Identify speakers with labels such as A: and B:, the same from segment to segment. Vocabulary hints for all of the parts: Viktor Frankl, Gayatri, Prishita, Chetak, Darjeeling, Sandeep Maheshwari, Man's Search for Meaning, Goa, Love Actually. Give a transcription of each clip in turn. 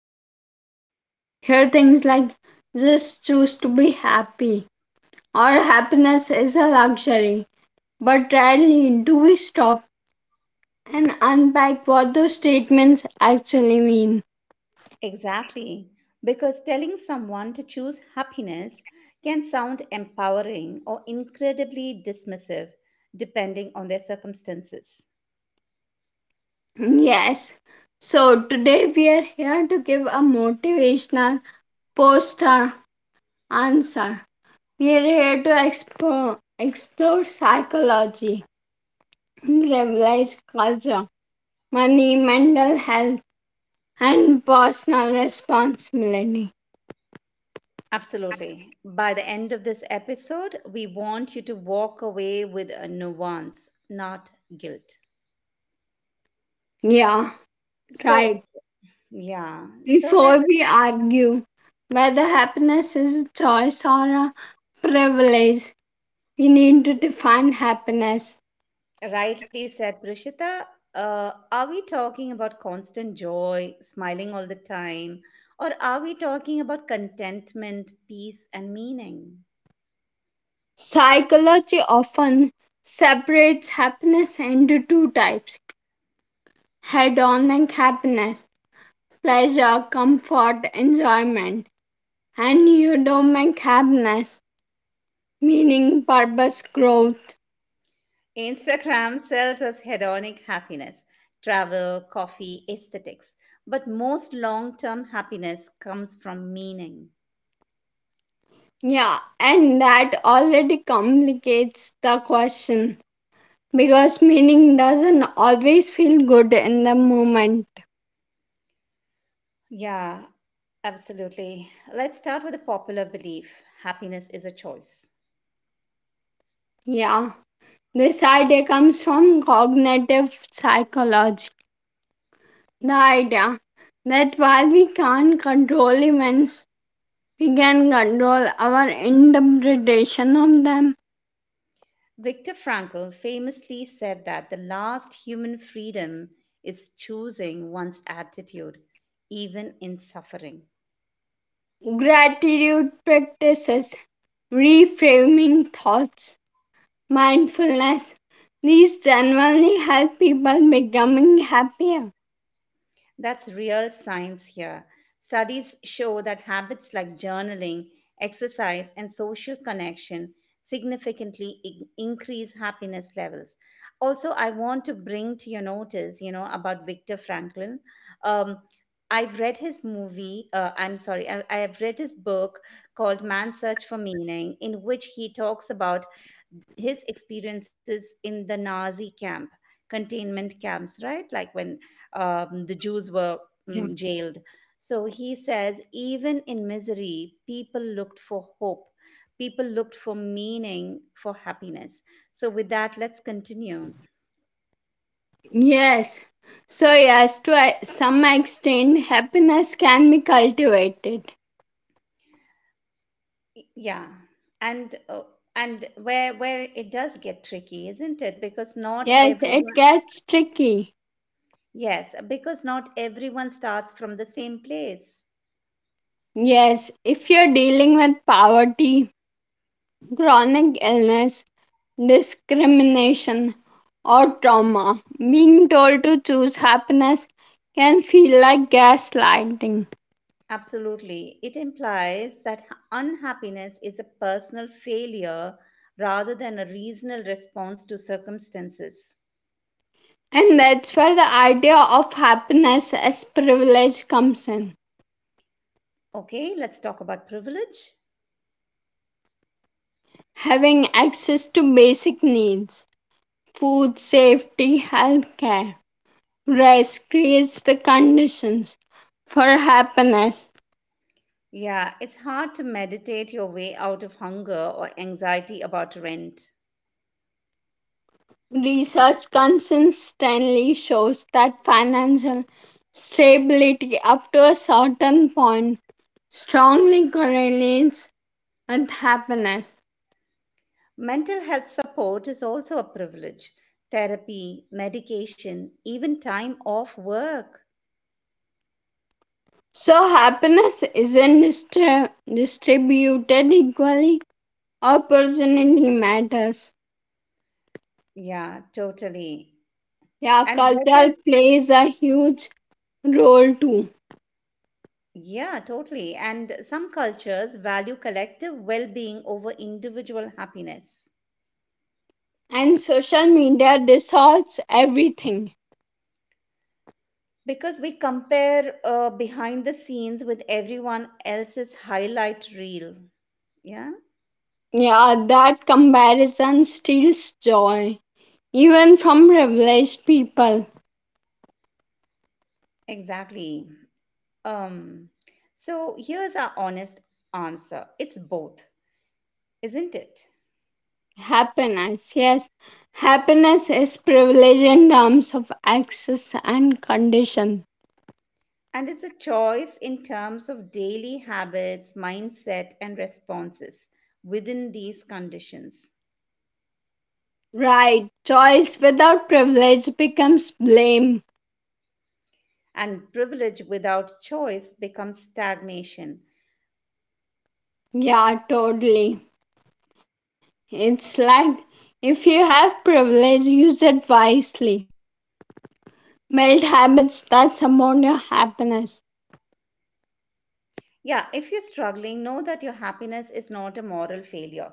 A: casually. Hear things like just choose to be happy or happiness is a luxury. But rarely do we stop and unpack what those statements actually mean.
B: Exactly, because telling someone to choose happiness can sound empowering or incredibly dismissive depending on their circumstances.
A: Yes, so today we are here to give a motivational poster answer. We are here to explore psychology revised culture, money, mental health, and personal responsibility.
B: Absolutely. By the end of this episode, we want you to walk away with a nuance, not guilt.
A: Yeah,
B: So,
A: right.
B: yeah. So
A: Before
B: let's
A: we argue whether happiness is a choice or a privilege, we need to define happiness.
B: rightly said, Prishita. Are we talking about constant joy, smiling all the time, or are we talking about contentment, peace, and meaning?
A: Psychology often separates happiness into two types: hedonic happiness, pleasure, comfort, enjoyment, and eudaimonic happiness meaning, purpose, growth.
B: Instagram sells us hedonic happiness, travel, coffee, aesthetics, but most long term happiness comes from meaning.
A: Yeah, and that already complicates the question because meaning doesn't always feel good in the moment.
B: Yeah, absolutely. Let's start with a popular belief happiness is a choice.
A: Yeah, this idea comes from cognitive psychology. The idea that while we can't control events, we can control our interpretation of them.
B: Viktor Frankl famously said that the last human freedom is choosing one's attitude, even in suffering.
A: Gratitude practices, reframing thoughts, mindfulness. These generally help people becoming happier.
B: That's real science here. Studies show that habits like journaling, exercise, and social connection significantly increase happiness levels. Also, I want to bring to your notice, you know, about Viktor Franklin. Um, I've read his I'm sorry, I have read his book called Man's Search for Meaning, in which he talks about his experiences in the Nazi camp, containment camps, right? Like when the Jews were
A: Yeah.
B: jailed. So he says, even in misery, people looked for hope. People looked for meaning, for happiness. So with that, let's continue.
A: Yes. So, yes, some extent, happiness can be cultivated.
B: Yeah, and uh, and where it does get tricky, isn't it? Because not
A: Yes, it
B: everyone,
A: gets tricky.
B: yes, because not everyone starts from the same place.
A: Yes, if you're dealing with poverty, chronic illness, discrimination, or trauma, being told to choose happiness can feel like gaslighting.
B: Absolutely. It implies that unhappiness is a personal failure rather than a reasonable response to circumstances.
A: And that's where the idea of happiness as privilege comes in.
B: Okay, let's talk about privilege.
A: Having access to basic needs, food, safety, healthcare, rest creates the conditions for happiness.
B: Yeah, it's hard to meditate your way out of hunger or anxiety about rent.
A: Research consistently shows that financial stability up to a certain point strongly correlates with happiness.
B: Mental health support is also a privilege. Therapy, medication, even time off work.
A: So, happiness isn't distributed equally, opportunity matters.
B: Yeah, totally.
A: Yeah,
B: And what else?
A: culture plays a huge role too.
B: Yeah, totally. And some cultures value collective well being over individual happiness
A: And social media dissolves everything.
B: because we compare behind the scenes with everyone else's highlight reel. Yeah,
A: Yeah, that comparison steals joy. Even from privileged people.
B: exactly. Um, so here's our honest answer it's both, isn't it?
A: Happiness, yes. Happiness is privilege in terms of access and condition.
B: And it's a choice in terms of daily habits, mindset, and responses within these conditions.
A: Right. Choice without privilege becomes blame.
B: And privilege without choice becomes stagnation.
A: Yeah, totally. It's like if you have privilege, use it wisely. Build habits that support your happiness.
B: Yeah, if you're struggling, know that your happiness is not a moral failure.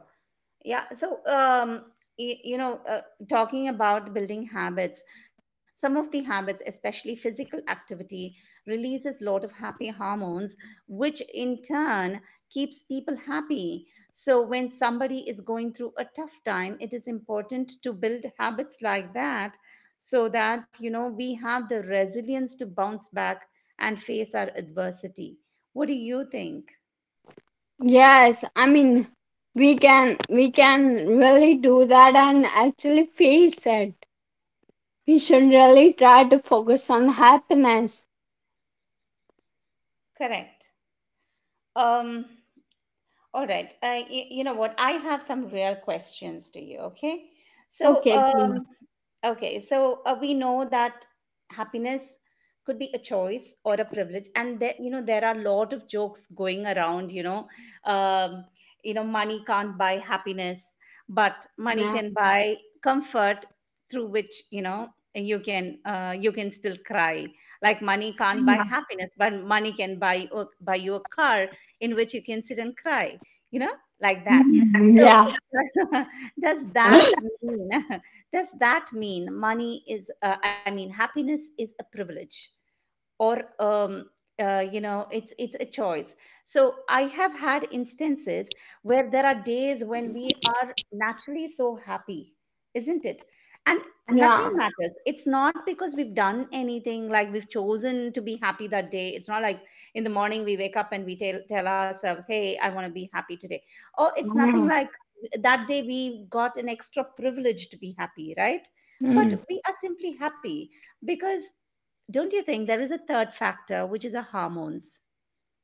B: Yeah. So, you know, talking about building habits, some of the habits, especially physical activity, releases lot of happy hormones, which in turn keeps people happy. So, when somebody is going through a tough time, it is important to build habits like that so that, you know, we have the resilience to bounce back and face our adversity. What do you think?
A: Yes, I mean we can really do that and actually face it. We should really try to focus on happiness.
B: Correct. Um, All right. You know what? I have some real questions to you. Okay. So,
A: Okay, please.
B: okay. So we know that happiness could be a choice or a privilege, and there, you know there are a lot of jokes going around. Um, you know, money can't buy happiness, but money
A: Yeah.
B: can buy comfort through which you know you can still cry. Like money can't buy happiness, but money can buy buy you a car in which you can sit and cry you know, like that.
A: Mm.
B: So
A: Yeah.
B: does that mean does that mean money is I mean happiness is a privilege or you know it's a choice so I have had instances where there are days when we are naturally so happy isn't it and nothing
A: Yeah.
B: matters. It's not because we've done anything like we've chosen to be happy that day. It's not like in the morning we wake up and we tell ourselves hey I want to be happy today or it's nothing
A: Mm.
B: like that day we got an extra privilege to be happy right but
A: Mm.
B: we are simply happy because don't you think there is a third factor, which is our hormones?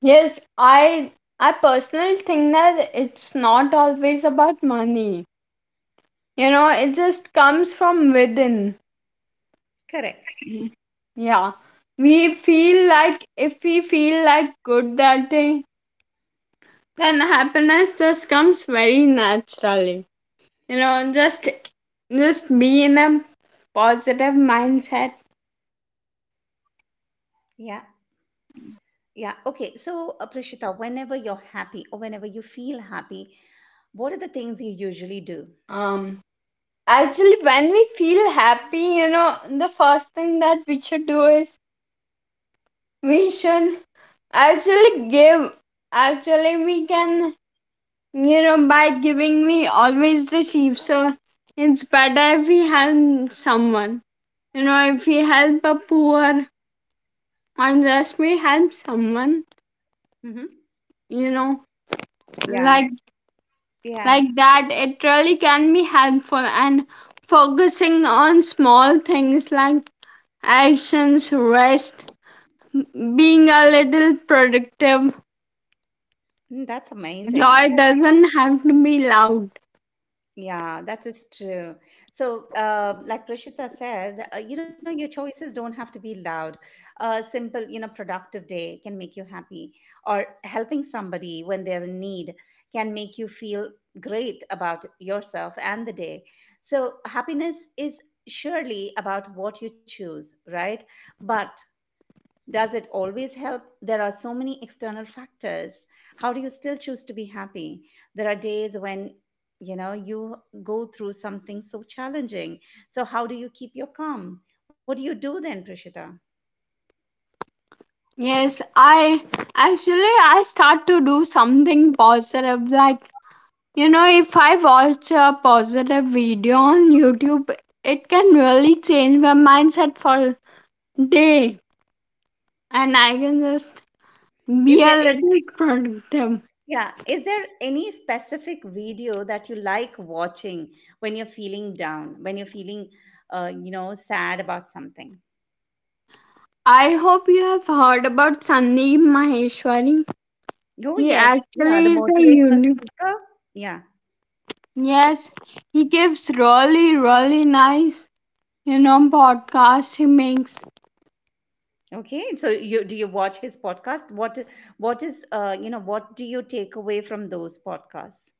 A: Yes, I I personally think that it's not always about money. You know, it just comes from within.
B: Correct.
A: Mhm. Yeah. We feel like if we feel like good that day, then happiness just comes very naturally. You know, just be in a positive mindset.
B: Yeah, yeah. Okay, so Prishita, whenever you're happy or whenever you feel happy, what are the things you usually do?
A: Um Actually, when we feel happy, you know, the first thing that we should do is we should actually give actually we can, you know, by giving me always the sheep. So it's better if we help someone. You know, if we help a poor and just we help someone,
B: Hmm.
A: you know,
B: Yeah.
A: like
B: Yeah.
A: like that, it really can be helpful. And focusing on small things like actions, rest, being a little productive.
B: Mm, that's
A: Joy
B: amazing.
A: doesn't have to be loud.
B: Yeah, that is true. So, like Prashita said, you know, your choices don't have to be loud. A simple, you know, productive day can make you happy, or helping somebody when they're in need can make you feel great about yourself and the day. So, happiness is surely about what you choose, right? But does it always help? There are so many external factors. How do you still choose to be happy? There are days when you know you go through something so challenging. So how do you keep your calm? What do you do then, Prishita?
A: Yes, I actually I start to do something positive. Like, you know, if I watch a positive video on YouTube, it can really change my mindset for day and I can just
B: Is
A: be
B: there
A: a
B: is
A: little productive.
B: yeah, is there any specific video that you like watching when you're feeling down, when you're feeling you know, sad about something?
A: I hope you have heard about Sandeep Maheshwari.
B: Oh
A: He
B: yes, yeah, the
A: actually is a
B: motivational
A: YouTube.
B: speaker. Yeah.
A: Yes, he gives really, really nice, you know, podcasts he makes.
B: Okay, so you do you watch his podcast? What is you know what do you take away from those podcasts?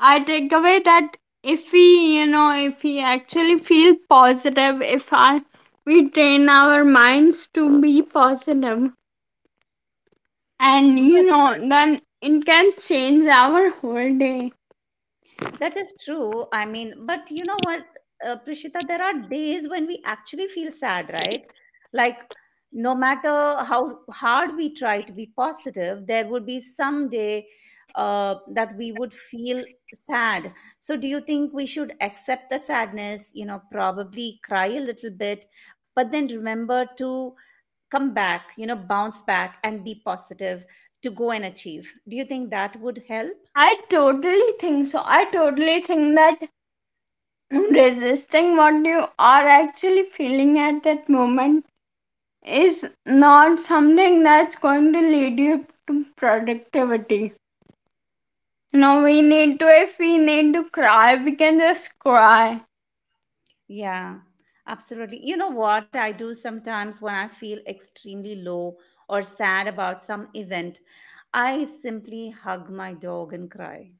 A: I take away that if we, you know, if we actually feel positive, if I, we train our minds to be positive, and
B: But
A: you know, then it can change our whole day.
B: that is true. I mean, but you know what, Prishita, there are days when we actually feel sad, right? Like no matter how hard we try to be positive, there would be some day that we would feel sad. So, do you think we should accept the sadness? You know, probably cry a little bit, but then remember to come back, you know, bounce back and be positive to go and achieve. Do you think that would help?
A: I totally think so. I totally think that resisting what you are actually feeling at that moment is not something that's going to lead you to productivity. No, if we need to cry, we can just cry.
B: Yeah, absolutely. You know what I do sometimes when I feel extremely low or sad about some event? I simply hug my dog and cry.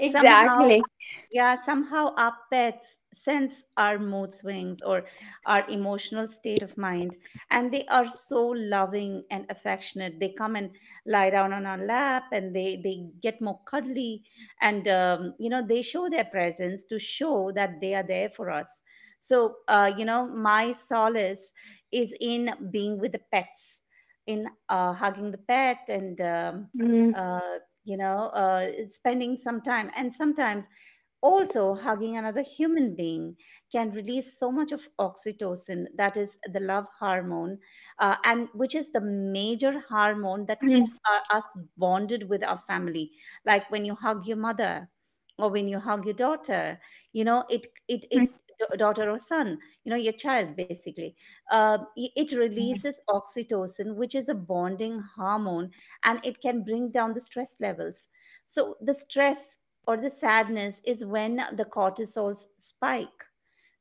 B: Somehow yeah somehow our pets sense our mood swings or our emotional state of mind and they are so loving and affectionate they come and lie down on our lap and they get more cuddly and you know they show their presence to show that they are there for us. So you know my solace is in being with the pets in hugging the pet and
A: Mm,
B: uh, you know spending some time and sometimes also, hugging another human being can release so much of oxytocin, that is the love hormone, and which is the major hormone
A: mm,
B: that keeps us bonded with our family. Like when you hug your mother, or when you hug your daughter, you know it it
A: mm.
B: it daughter or son, you know your child basically. It releases oxytocin, which is a bonding hormone, and it can bring down the stress levels. So the stress or the sadness is when the cortisols spike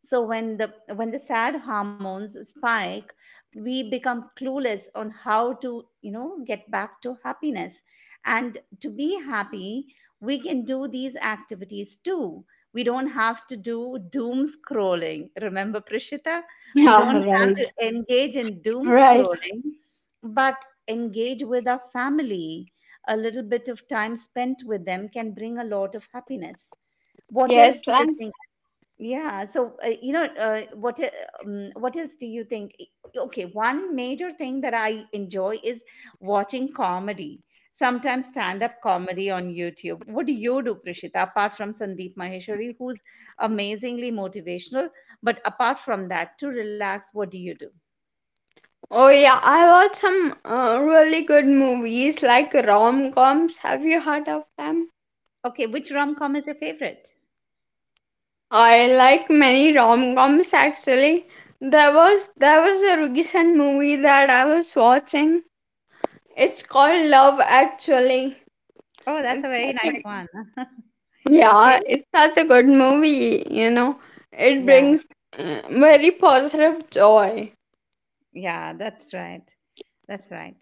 B: so when the sad hormones spike we become clueless on how to you know get back to happiness and to be happy we can do these activities too. We don't have to do doom scrolling, remember Prishita, we
A: Yeah,
B: don't have
A: right.
B: to engage in doom
A: Right.
B: scrolling but engage with our family. A little bit of time spent with them can bring a lot of happiness. What
A: Yes,
B: else do
A: like,
B: you yeah. So, you know, what else do you think? Okay, one major thing that I enjoy is watching comedy. Sometimes stand-up comedy on YouTube. What do you do, Prishita? Apart from Sandeep Maheshwari, who's amazingly motivational, but apart from that, to relax, what do you do?
A: oh yeah, I watch some really good movies like rom coms. Have you heard of them?
B: Okay, which rom-com is your favorite?
A: I like many rom coms actually. There was a recent movie that I was watching. It's called Love Actually.
B: Oh, that's
A: It's
B: a very
A: that's such
B: nice
A: a
B: one.
A: Yeah,
B: Okay.
A: it's such a good movie, you know. It
B: Yeah.
A: brings very positive joy.
B: Yeah, that's right. That's right.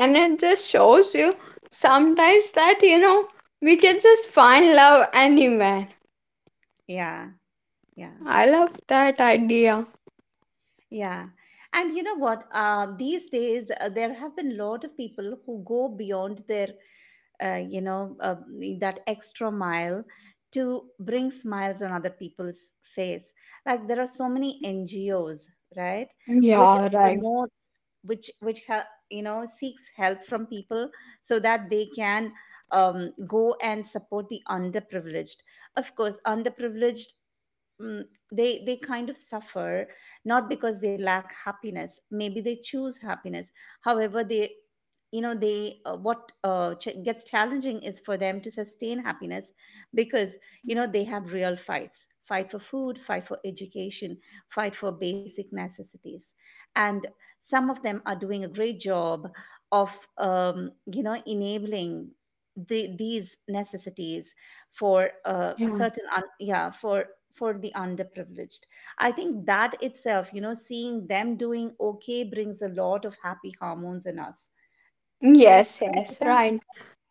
A: And it just shows you sometimes that, you know, we can just find love anywhere.
B: Yeah. Yeah.
A: I love that idea.
B: Yeah. And you know what? These days, there have been a lot of people who go beyond their, uh, you know, uh, that extra mile to bring smiles on other people's face. Like there are so many NGOs, right, which
A: Yeah, right.
B: promotes, which ha- you know seeks help from people so that they can go and support the underprivileged. Of course, underprivileged mm, they kind of suffer not because they lack happiness maybe they choose happiness however they you know they gets challenging is for them to sustain happiness because you know they have real fight for food fight for education fight for basic necessities and some of them are doing a great job of you know enabling these necessities for
A: Yeah.
B: yeah for the underprivileged. I think that itself you know seeing them doing okay brings a lot of happy hormones in us correct
A: Yes, yes,
B: Nikita?
A: right.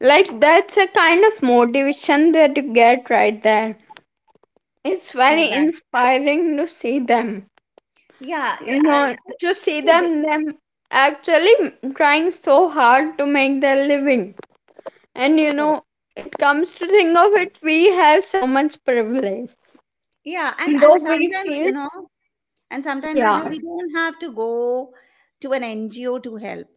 A: Like that's a kind of motivation that you get right there. It's very
B: Exactly.
A: inspiring to see them.
B: Yeah, yeah.
A: You know, to see
B: So di-
A: them actually trying so hard to make their living and you
B: Correct.
A: know, it comes to think of it, we have so much privilege,
B: Yeah and
A: though
B: and
A: we
B: sometimes,
A: feel
B: you know,
A: yeah
B: we don't have to go to an NGO to help.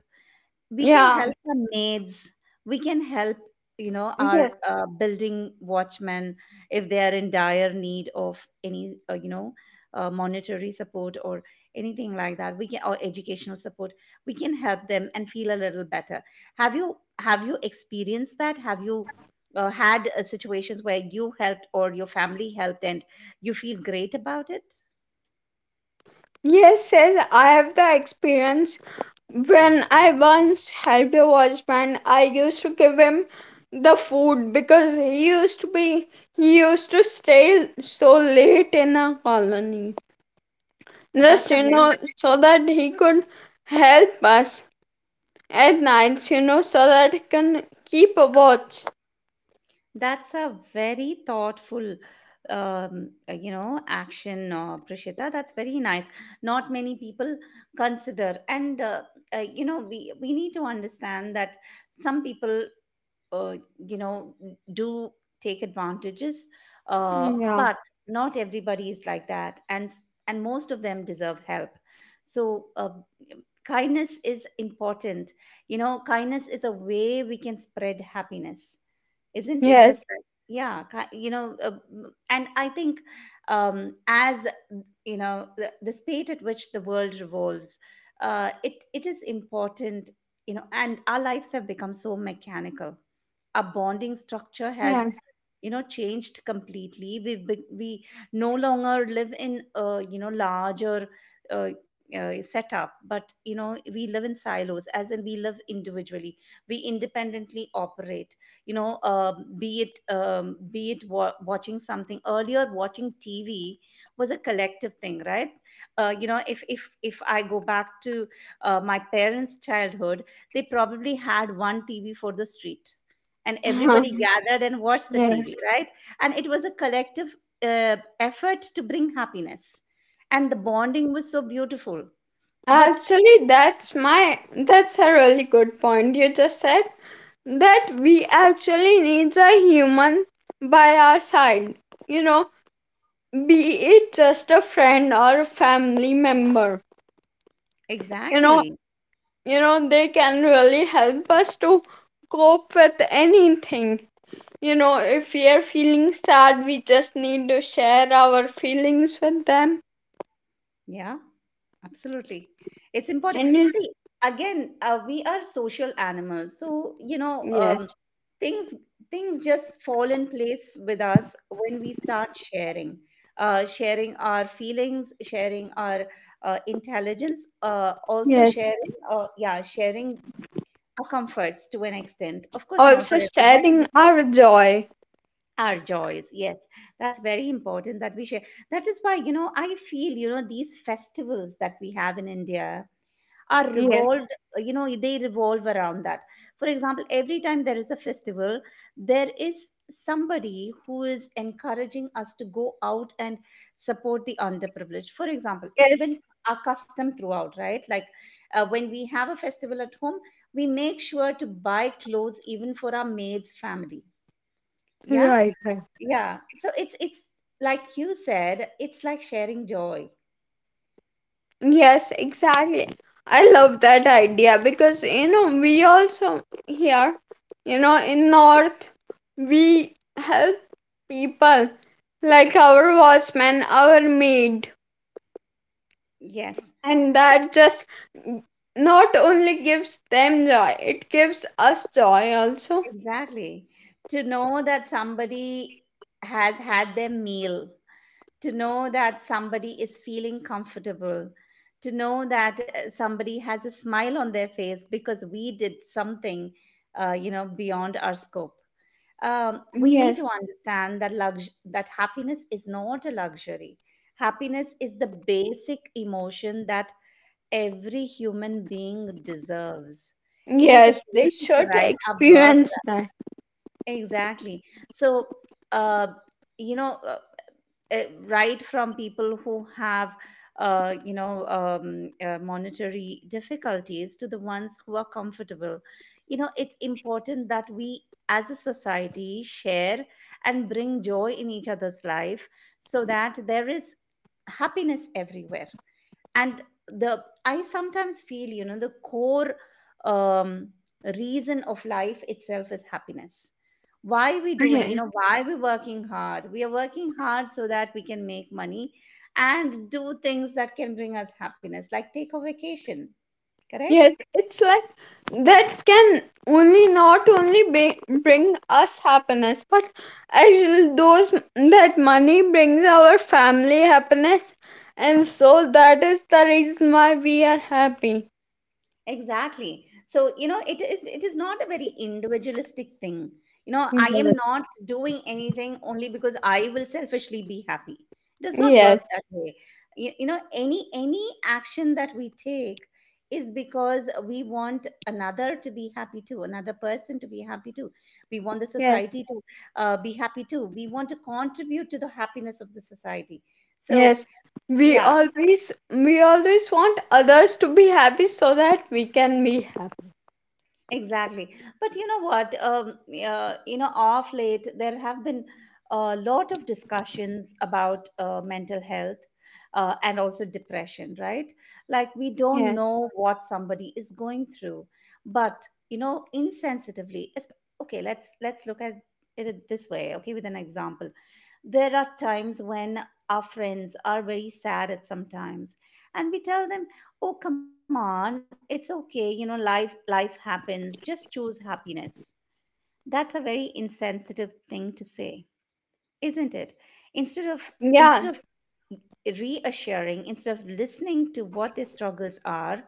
B: We can
A: yeah
B: help our maids. We can help
A: yeah.
B: our building watchmen if they are in dire need of any monetary support or anything like that, we can, or educational support. We can help them and feel a little better. Have you experienced that? Have you had situations where you helped or your family helped and you feel great about it?
A: Yes, yes, I have the experience when I once helped a watchman. I used to give him the food because he used to stay so late in a colony. Just,
B: That's a
A: you
B: very
A: know, so that he could help us at nights, you know, so that he can keep a watch.
B: that's a very thoughtful action, Prishita. That's very nice. Not many people consider, and we need to understand that some people, uh, you know do take advantages,
A: Yeah.
B: but not everybody is like that, and most of them deserve help. So kindness is important. Kindness is a way we can spread happiness. Isn't it
A: Yes.
B: just that? Yeah. And I think, as you know, the speed at which the world revolves, it is important, you know, and our lives have become so mechanical. Our bonding structure has,
A: Yeah.
B: changed completely. We no longer live in a, larger uh, setup, but, you know, we live in silos, as in we live individually, we independently operate. You know be it wa- Watching something— earlier, watching TV was a collective thing, right? If I go back to my parents' childhood, they probably had one TV for the street, and everybody gathered and watched the
A: Yes.
B: TV, right? And it was a collective effort to bring happiness. And the bonding was so beautiful. But
A: Actually, that's a really good point you just said, that we actually needs a human by our side. You know, be it just a friend or a family member. You know,
B: exactly.
A: you know, they can really help us to cope with anything. You know, if we are feeling sad, we just need to share our feelings with them.
B: Yeah, absolutely. It's important.
A: And it-
B: See, again, we are social animals. So, you know,
A: yes,
B: things things just fall in place with us when we start sharing, sharing our feelings, sharing our intelligence, also
A: yes.
B: sharing, sharing our comforts to an extent. Of course, not to
A: Also
B: everybody,
A: sharing
B: but yes,
A: our joy.
B: our joys. Yes, that's very important that we share. That is why, you know, I feel, you know, these festivals that we have in India are
A: Yes,
B: revolved— they revolve around that. For example, every time there is a festival, there is somebody who is encouraging us to go out and support the underprivileged. For example, it's
A: yes.
B: been our custom throughout, right? Like, when we have a festival at home, we make sure to buy clothes even for our maid's family. Yeah.
A: Right, right.
B: Yeah so it's like you said, it's like sharing joy.
A: Yes, exactly. I love that idea because, you know, we also here, you know, in North, we help people like our watchman, our maid.
B: Yes.
A: And that just not only gives them joy, it gives us joy also.
B: Exactly. To know that somebody has had their meal, to know that somebody is feeling comfortable, to know that somebody has a smile on their face because we did something, you know, beyond our scope. We need
A: Yes,
B: to understand that that happiness is not a luxury. Happiness is the basic emotion that every human being deserves. It is a
A: yes, they
B: basic
A: should
B: right, a birthright.
A: experience that.
B: Exactly. So, uh, you know, right from people who have, you know, monetary difficulties to the ones who are comfortable, you know, it's important that we as a society share and bring joy in each other's life, so that there is happiness everywhere. And the I sometimes feel, you know, the core um, reason of life itself is happiness. Why we doing, you
A: Yes,
B: know, why we working hard? We are working hard so that we can make money and do things that can bring us happiness, like take a vacation. Correct.
A: yes, it's like that can only not only bring us happiness, but actually those, that money brings our family happiness, and so that is the reason why we are happy.
B: Exactly. So, you know, it is not a very individualistic thing. You know, I am
A: Yes,
B: not doing anything only because I will selfishly be happy. It does not work
A: yes,
B: that way. You know, any action that we take is because we want another to be happy too, another person to be happy too. We want the
A: yes.
B: society to be happy too. We want to contribute to the happiness of the society. So,
A: Yes, we
B: yeah.
A: always we always want others to be happy so that we can be happy.
B: Exactly. But you know what? You know, off late, there have been a lot of discussions about mental health, and also depression, right? Like, we don't
A: Yeah,
B: know what somebody is going through, but, you know, insensitively— okay, let's look at it this way, okay, with an example. There are times when our friends are very sad at some times, and we tell them, "Oh, come on. It's okay. You know, life happens. Just choose happiness." That's a very insensitive thing to say, isn't it? Instead of Instead
A: yeah,
B: of reassuring, instead of listening to what their struggles are,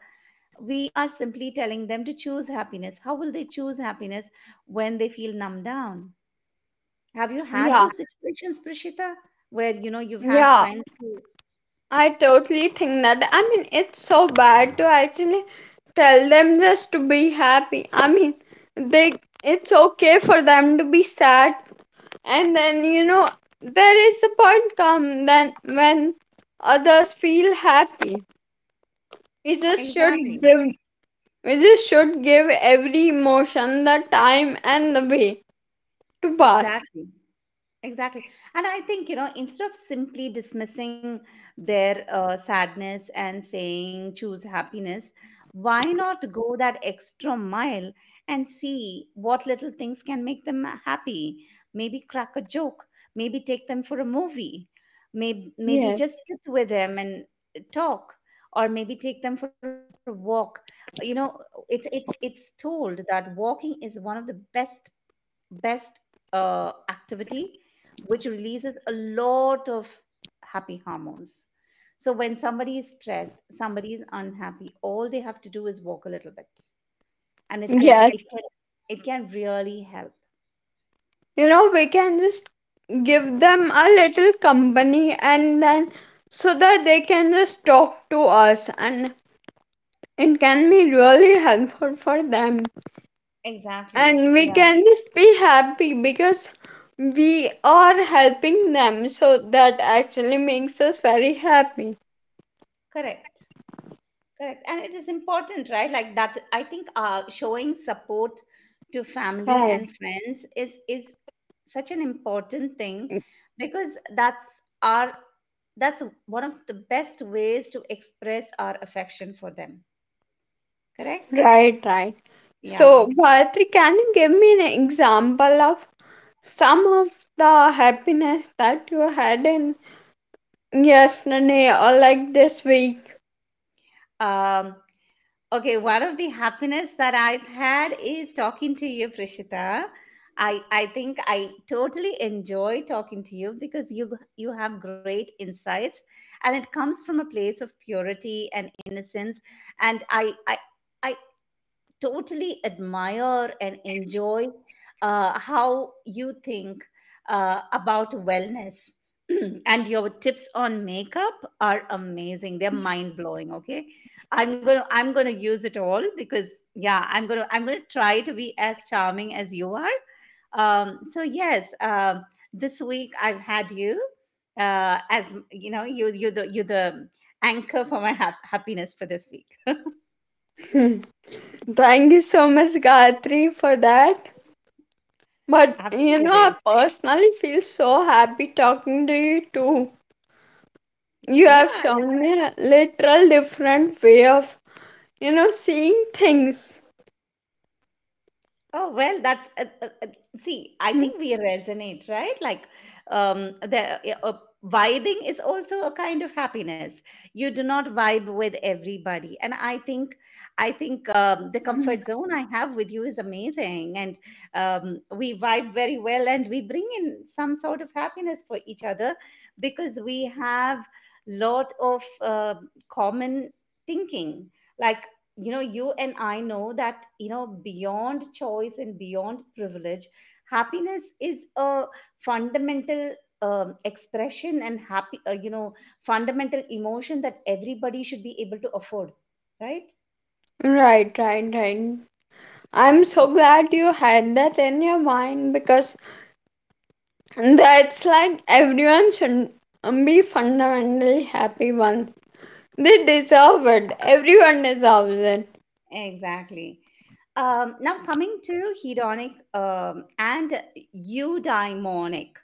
B: we are simply telling them to choose happiness. How will they choose happiness when they feel numbed down? Have you had
A: yeah,
B: those situations, Prashita, where, you know, you've had
A: yeah.
B: friends who—
A: I totally think that. I mean, it's so bad to actually tell them just to be happy. I mean, they it's okay for them to be sad, and then you know there is a point come then when others feel happy. We just should
B: Exactly.
A: give We just should give every emotion the time and the way to pass.
B: Exactly. Exactly. And I think, you know, instead of simply dismissing their sadness and saying choose happiness, why not go that extra mile and see what little things can make them happy? Maybe crack a joke, maybe take them for a movie, maybe
A: Yes.
B: just sit with them and talk. Or maybe take them for a walk. You know, it's told that walking is one of the best, best activity, which releases a lot of happy hormones. So when somebody is stressed, somebody is unhappy, all they have to do is walk a little bit, and it can
A: Yes.
B: it can it can really help.
A: You know, we can just give them a little company and then so that they can just talk to us and it can be really helpful for them.
B: Exactly.
A: And we
B: Yeah.
A: can just be happy because we are helping them, so that actually makes us very happy.
B: Correct. Correct. And it is important, right? Like that, I think showing support to family
A: Right.
B: and friends is such an important thing, because our that's one of the best ways to express our affection for them. Correct?
A: Right, right.
B: Yeah.
A: So, Gayatri, can you give me an example of some of the happiness that you had in yesterday or like this week?
B: Um, Okay, one of the happiness that I've had is talking to you, Prishita. I think I totally enjoy talking to you because you have great insights, and it comes from a place of purity and innocence. And I totally admire and enjoy how you think about wellness. And your tips on makeup are amazing. They're mind blowing. Okay, I'm gonna use it all because yeah, I'm gonna try to be as charming as you are. So yes, this week I've had you, as you know, you you the anchor for my happiness for this week.
A: Hmm. Thank you so much, Gayatri, for that. But you know, I
B: Absolutely.
A: personally feel so happy talking to you too. You
B: Yeah.
A: have shown me a literal different way of, you know, seeing things.
B: Oh, well, that's see, I
A: Hmm.
B: think we resonate, right? Like, the vibing is also a kind of happiness. You do not vibe with everybody, and I think, the comfort zone I have with you is amazing, and, we vibe very well, and we bring in some sort of happiness for each other because we have lot of common thinking, like, you know, you and I know that, you know, beyond choice and beyond privilege, happiness is a fundamental expression, and happy you know fundamental emotion that everybody should be able to afford, right?
A: Right, right, right. I'm so glad you had that in your mind because that's like everyone should be fundamentally happy once. They deserve it. Everyone deserves it.
B: Exactly. Now, coming to hedonic and eudaimonic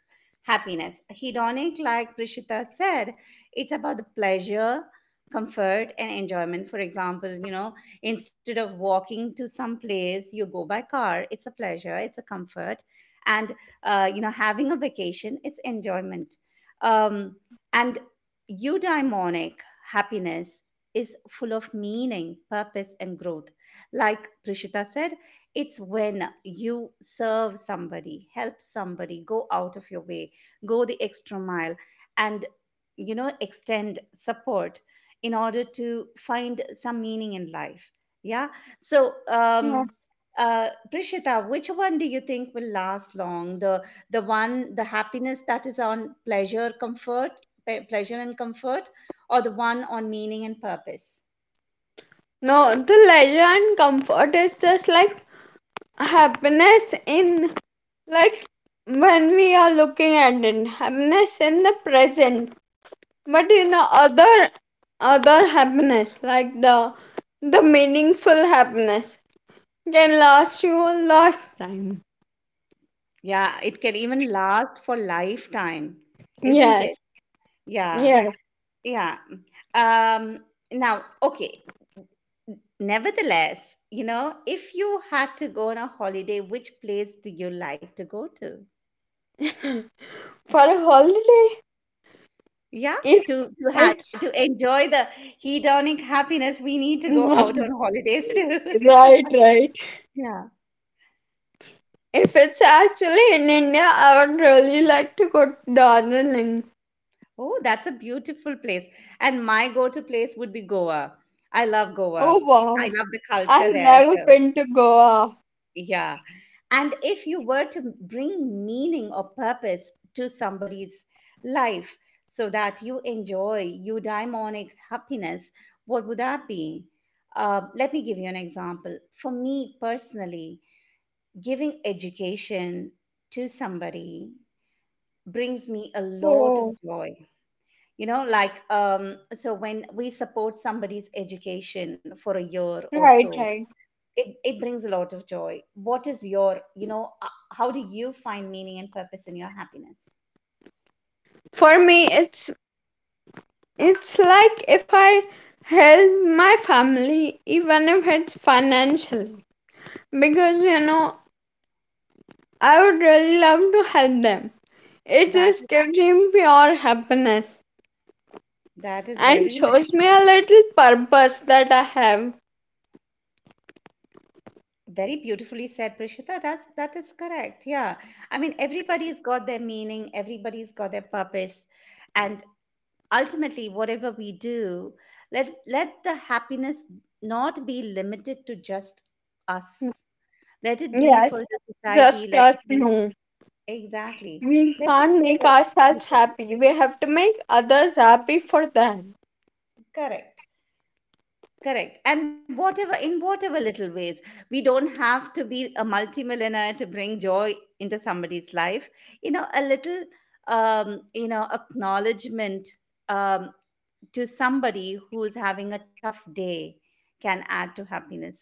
B: happiness. Hedonic, like Prishita said, it's about the pleasure, comfort, and enjoyment. For example, you know, instead of walking to some place, you go by car. It's a pleasure, it's a comfort. And, you know, having a vacation, it's enjoyment. Um, and eudaimonic happiness is full of meaning, purpose, and growth. Like Prishita said, it's when you serve somebody, help somebody, go out of your way, go the extra mile, and, you know, extend support in order to find some meaning in life. Yeah. So,
A: Yeah.
B: Prishita, which one do you think will last long? The one, the happiness that is on pleasure, comfort, pleasure and comfort, or the one on meaning and purpose?
A: No, the leisure and comfort is just like happiness in, like, when we are looking at it, happiness in the present. But you know, other happiness like the meaningful happiness can last you a lifetime.
B: Yeah, it can even last for lifetime, isn't
A: Yeah,
B: it? Yeah,
A: yeah.
B: yeah. Um, Now, okay. Nevertheless, you know, if you had to go on a holiday, which place do you like to go to?
A: For a holiday,
B: Yeah,
A: if
B: to have to
A: it's
B: enjoy the hedonic happiness, we need to go out
A: right,
B: on holidays too.
A: right.
B: Yeah.
A: If it's actually in India, I would really like to go to Darjeeling.
B: Oh, that's a beautiful place. And my go-to place would be Goa. I love
A: Oh
B: Goa. I
A: wow.
B: love the culture
A: I've
B: there.
A: never
B: So,
A: been to Goa.
B: yeah. And if you were to bring meaning or purpose to somebody's life so that you enjoy eudaimonic happiness, what would that be? Let me give you an example. For me personally, giving education to somebody brings me a lot of
A: Oh,
B: joy. You know, like, so when we support somebody's education for a year
A: right,
B: or
A: right.
B: so, it brings a lot of joy. What is your, you know, how do you find meaning and purpose in your happiness?
A: For me, it's like if I help my family, even if it's financially, because you know I would really love to help them. It
B: that
A: just gives me pure happiness
B: that— is
A: and
B: very,
A: shows me a little purpose that I have.
B: very beautifully said, Prishita. That is correct. Yeah, I mean, everybody's got their meaning, everybody's got their purpose, and ultimately whatever we do, let the happiness not be limited to just us.
A: Mm.
B: Let it be
A: Yes,
B: for the society,
A: just
B: let
A: us.
B: it be—
A: No,
B: Exactly.
A: we
B: Let it
A: can't
B: be
A: make
B: for
A: ourselves
B: everybody.
A: happy. We have to make others happy for them.
B: Correct. Correct. And whatever, in whatever little ways. We don't have to be a multimillionaire to bring joy into somebody's life. You know, a little you know, acknowledgement, um to somebody who's having a tough day can add to happiness.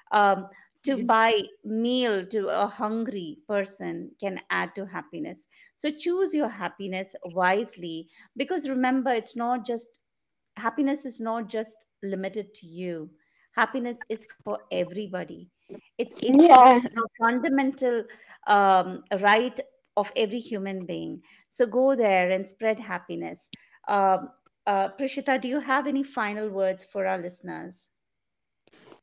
B: um, to buy meal to a hungry person can add to happiness. So choose your happiness wisely, because remember, it's not just happiness is not just limited to you. Happiness is for everybody. It's
A: Yeah.
B: a fundamental right of every human being. So go there and spread happiness. um, Prishita, do you have any final words for our listeners?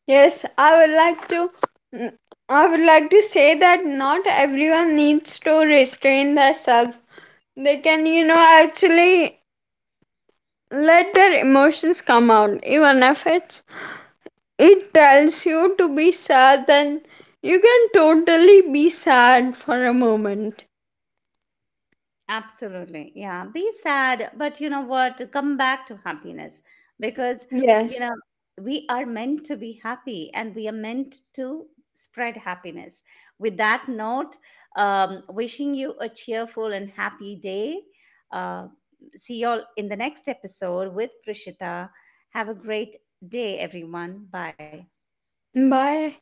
A: Yes, I would like to. mm, I would like to say that not everyone needs to restrain themselves. They can, you know, actually let their emotions come out, even if it's it tells you to be sad. Then you can totally be sad for a moment.
B: Absolutely. Yeah. Be sad, but you know what? Come back to happiness because, you
A: Yes.
B: know, we are meant to be happy and we are meant to spread happiness. With that note, wishing you a cheerful and happy day. Uh, See you all in the next episode with Prishita. Have a great day, everyone. Bye.
A: Bye.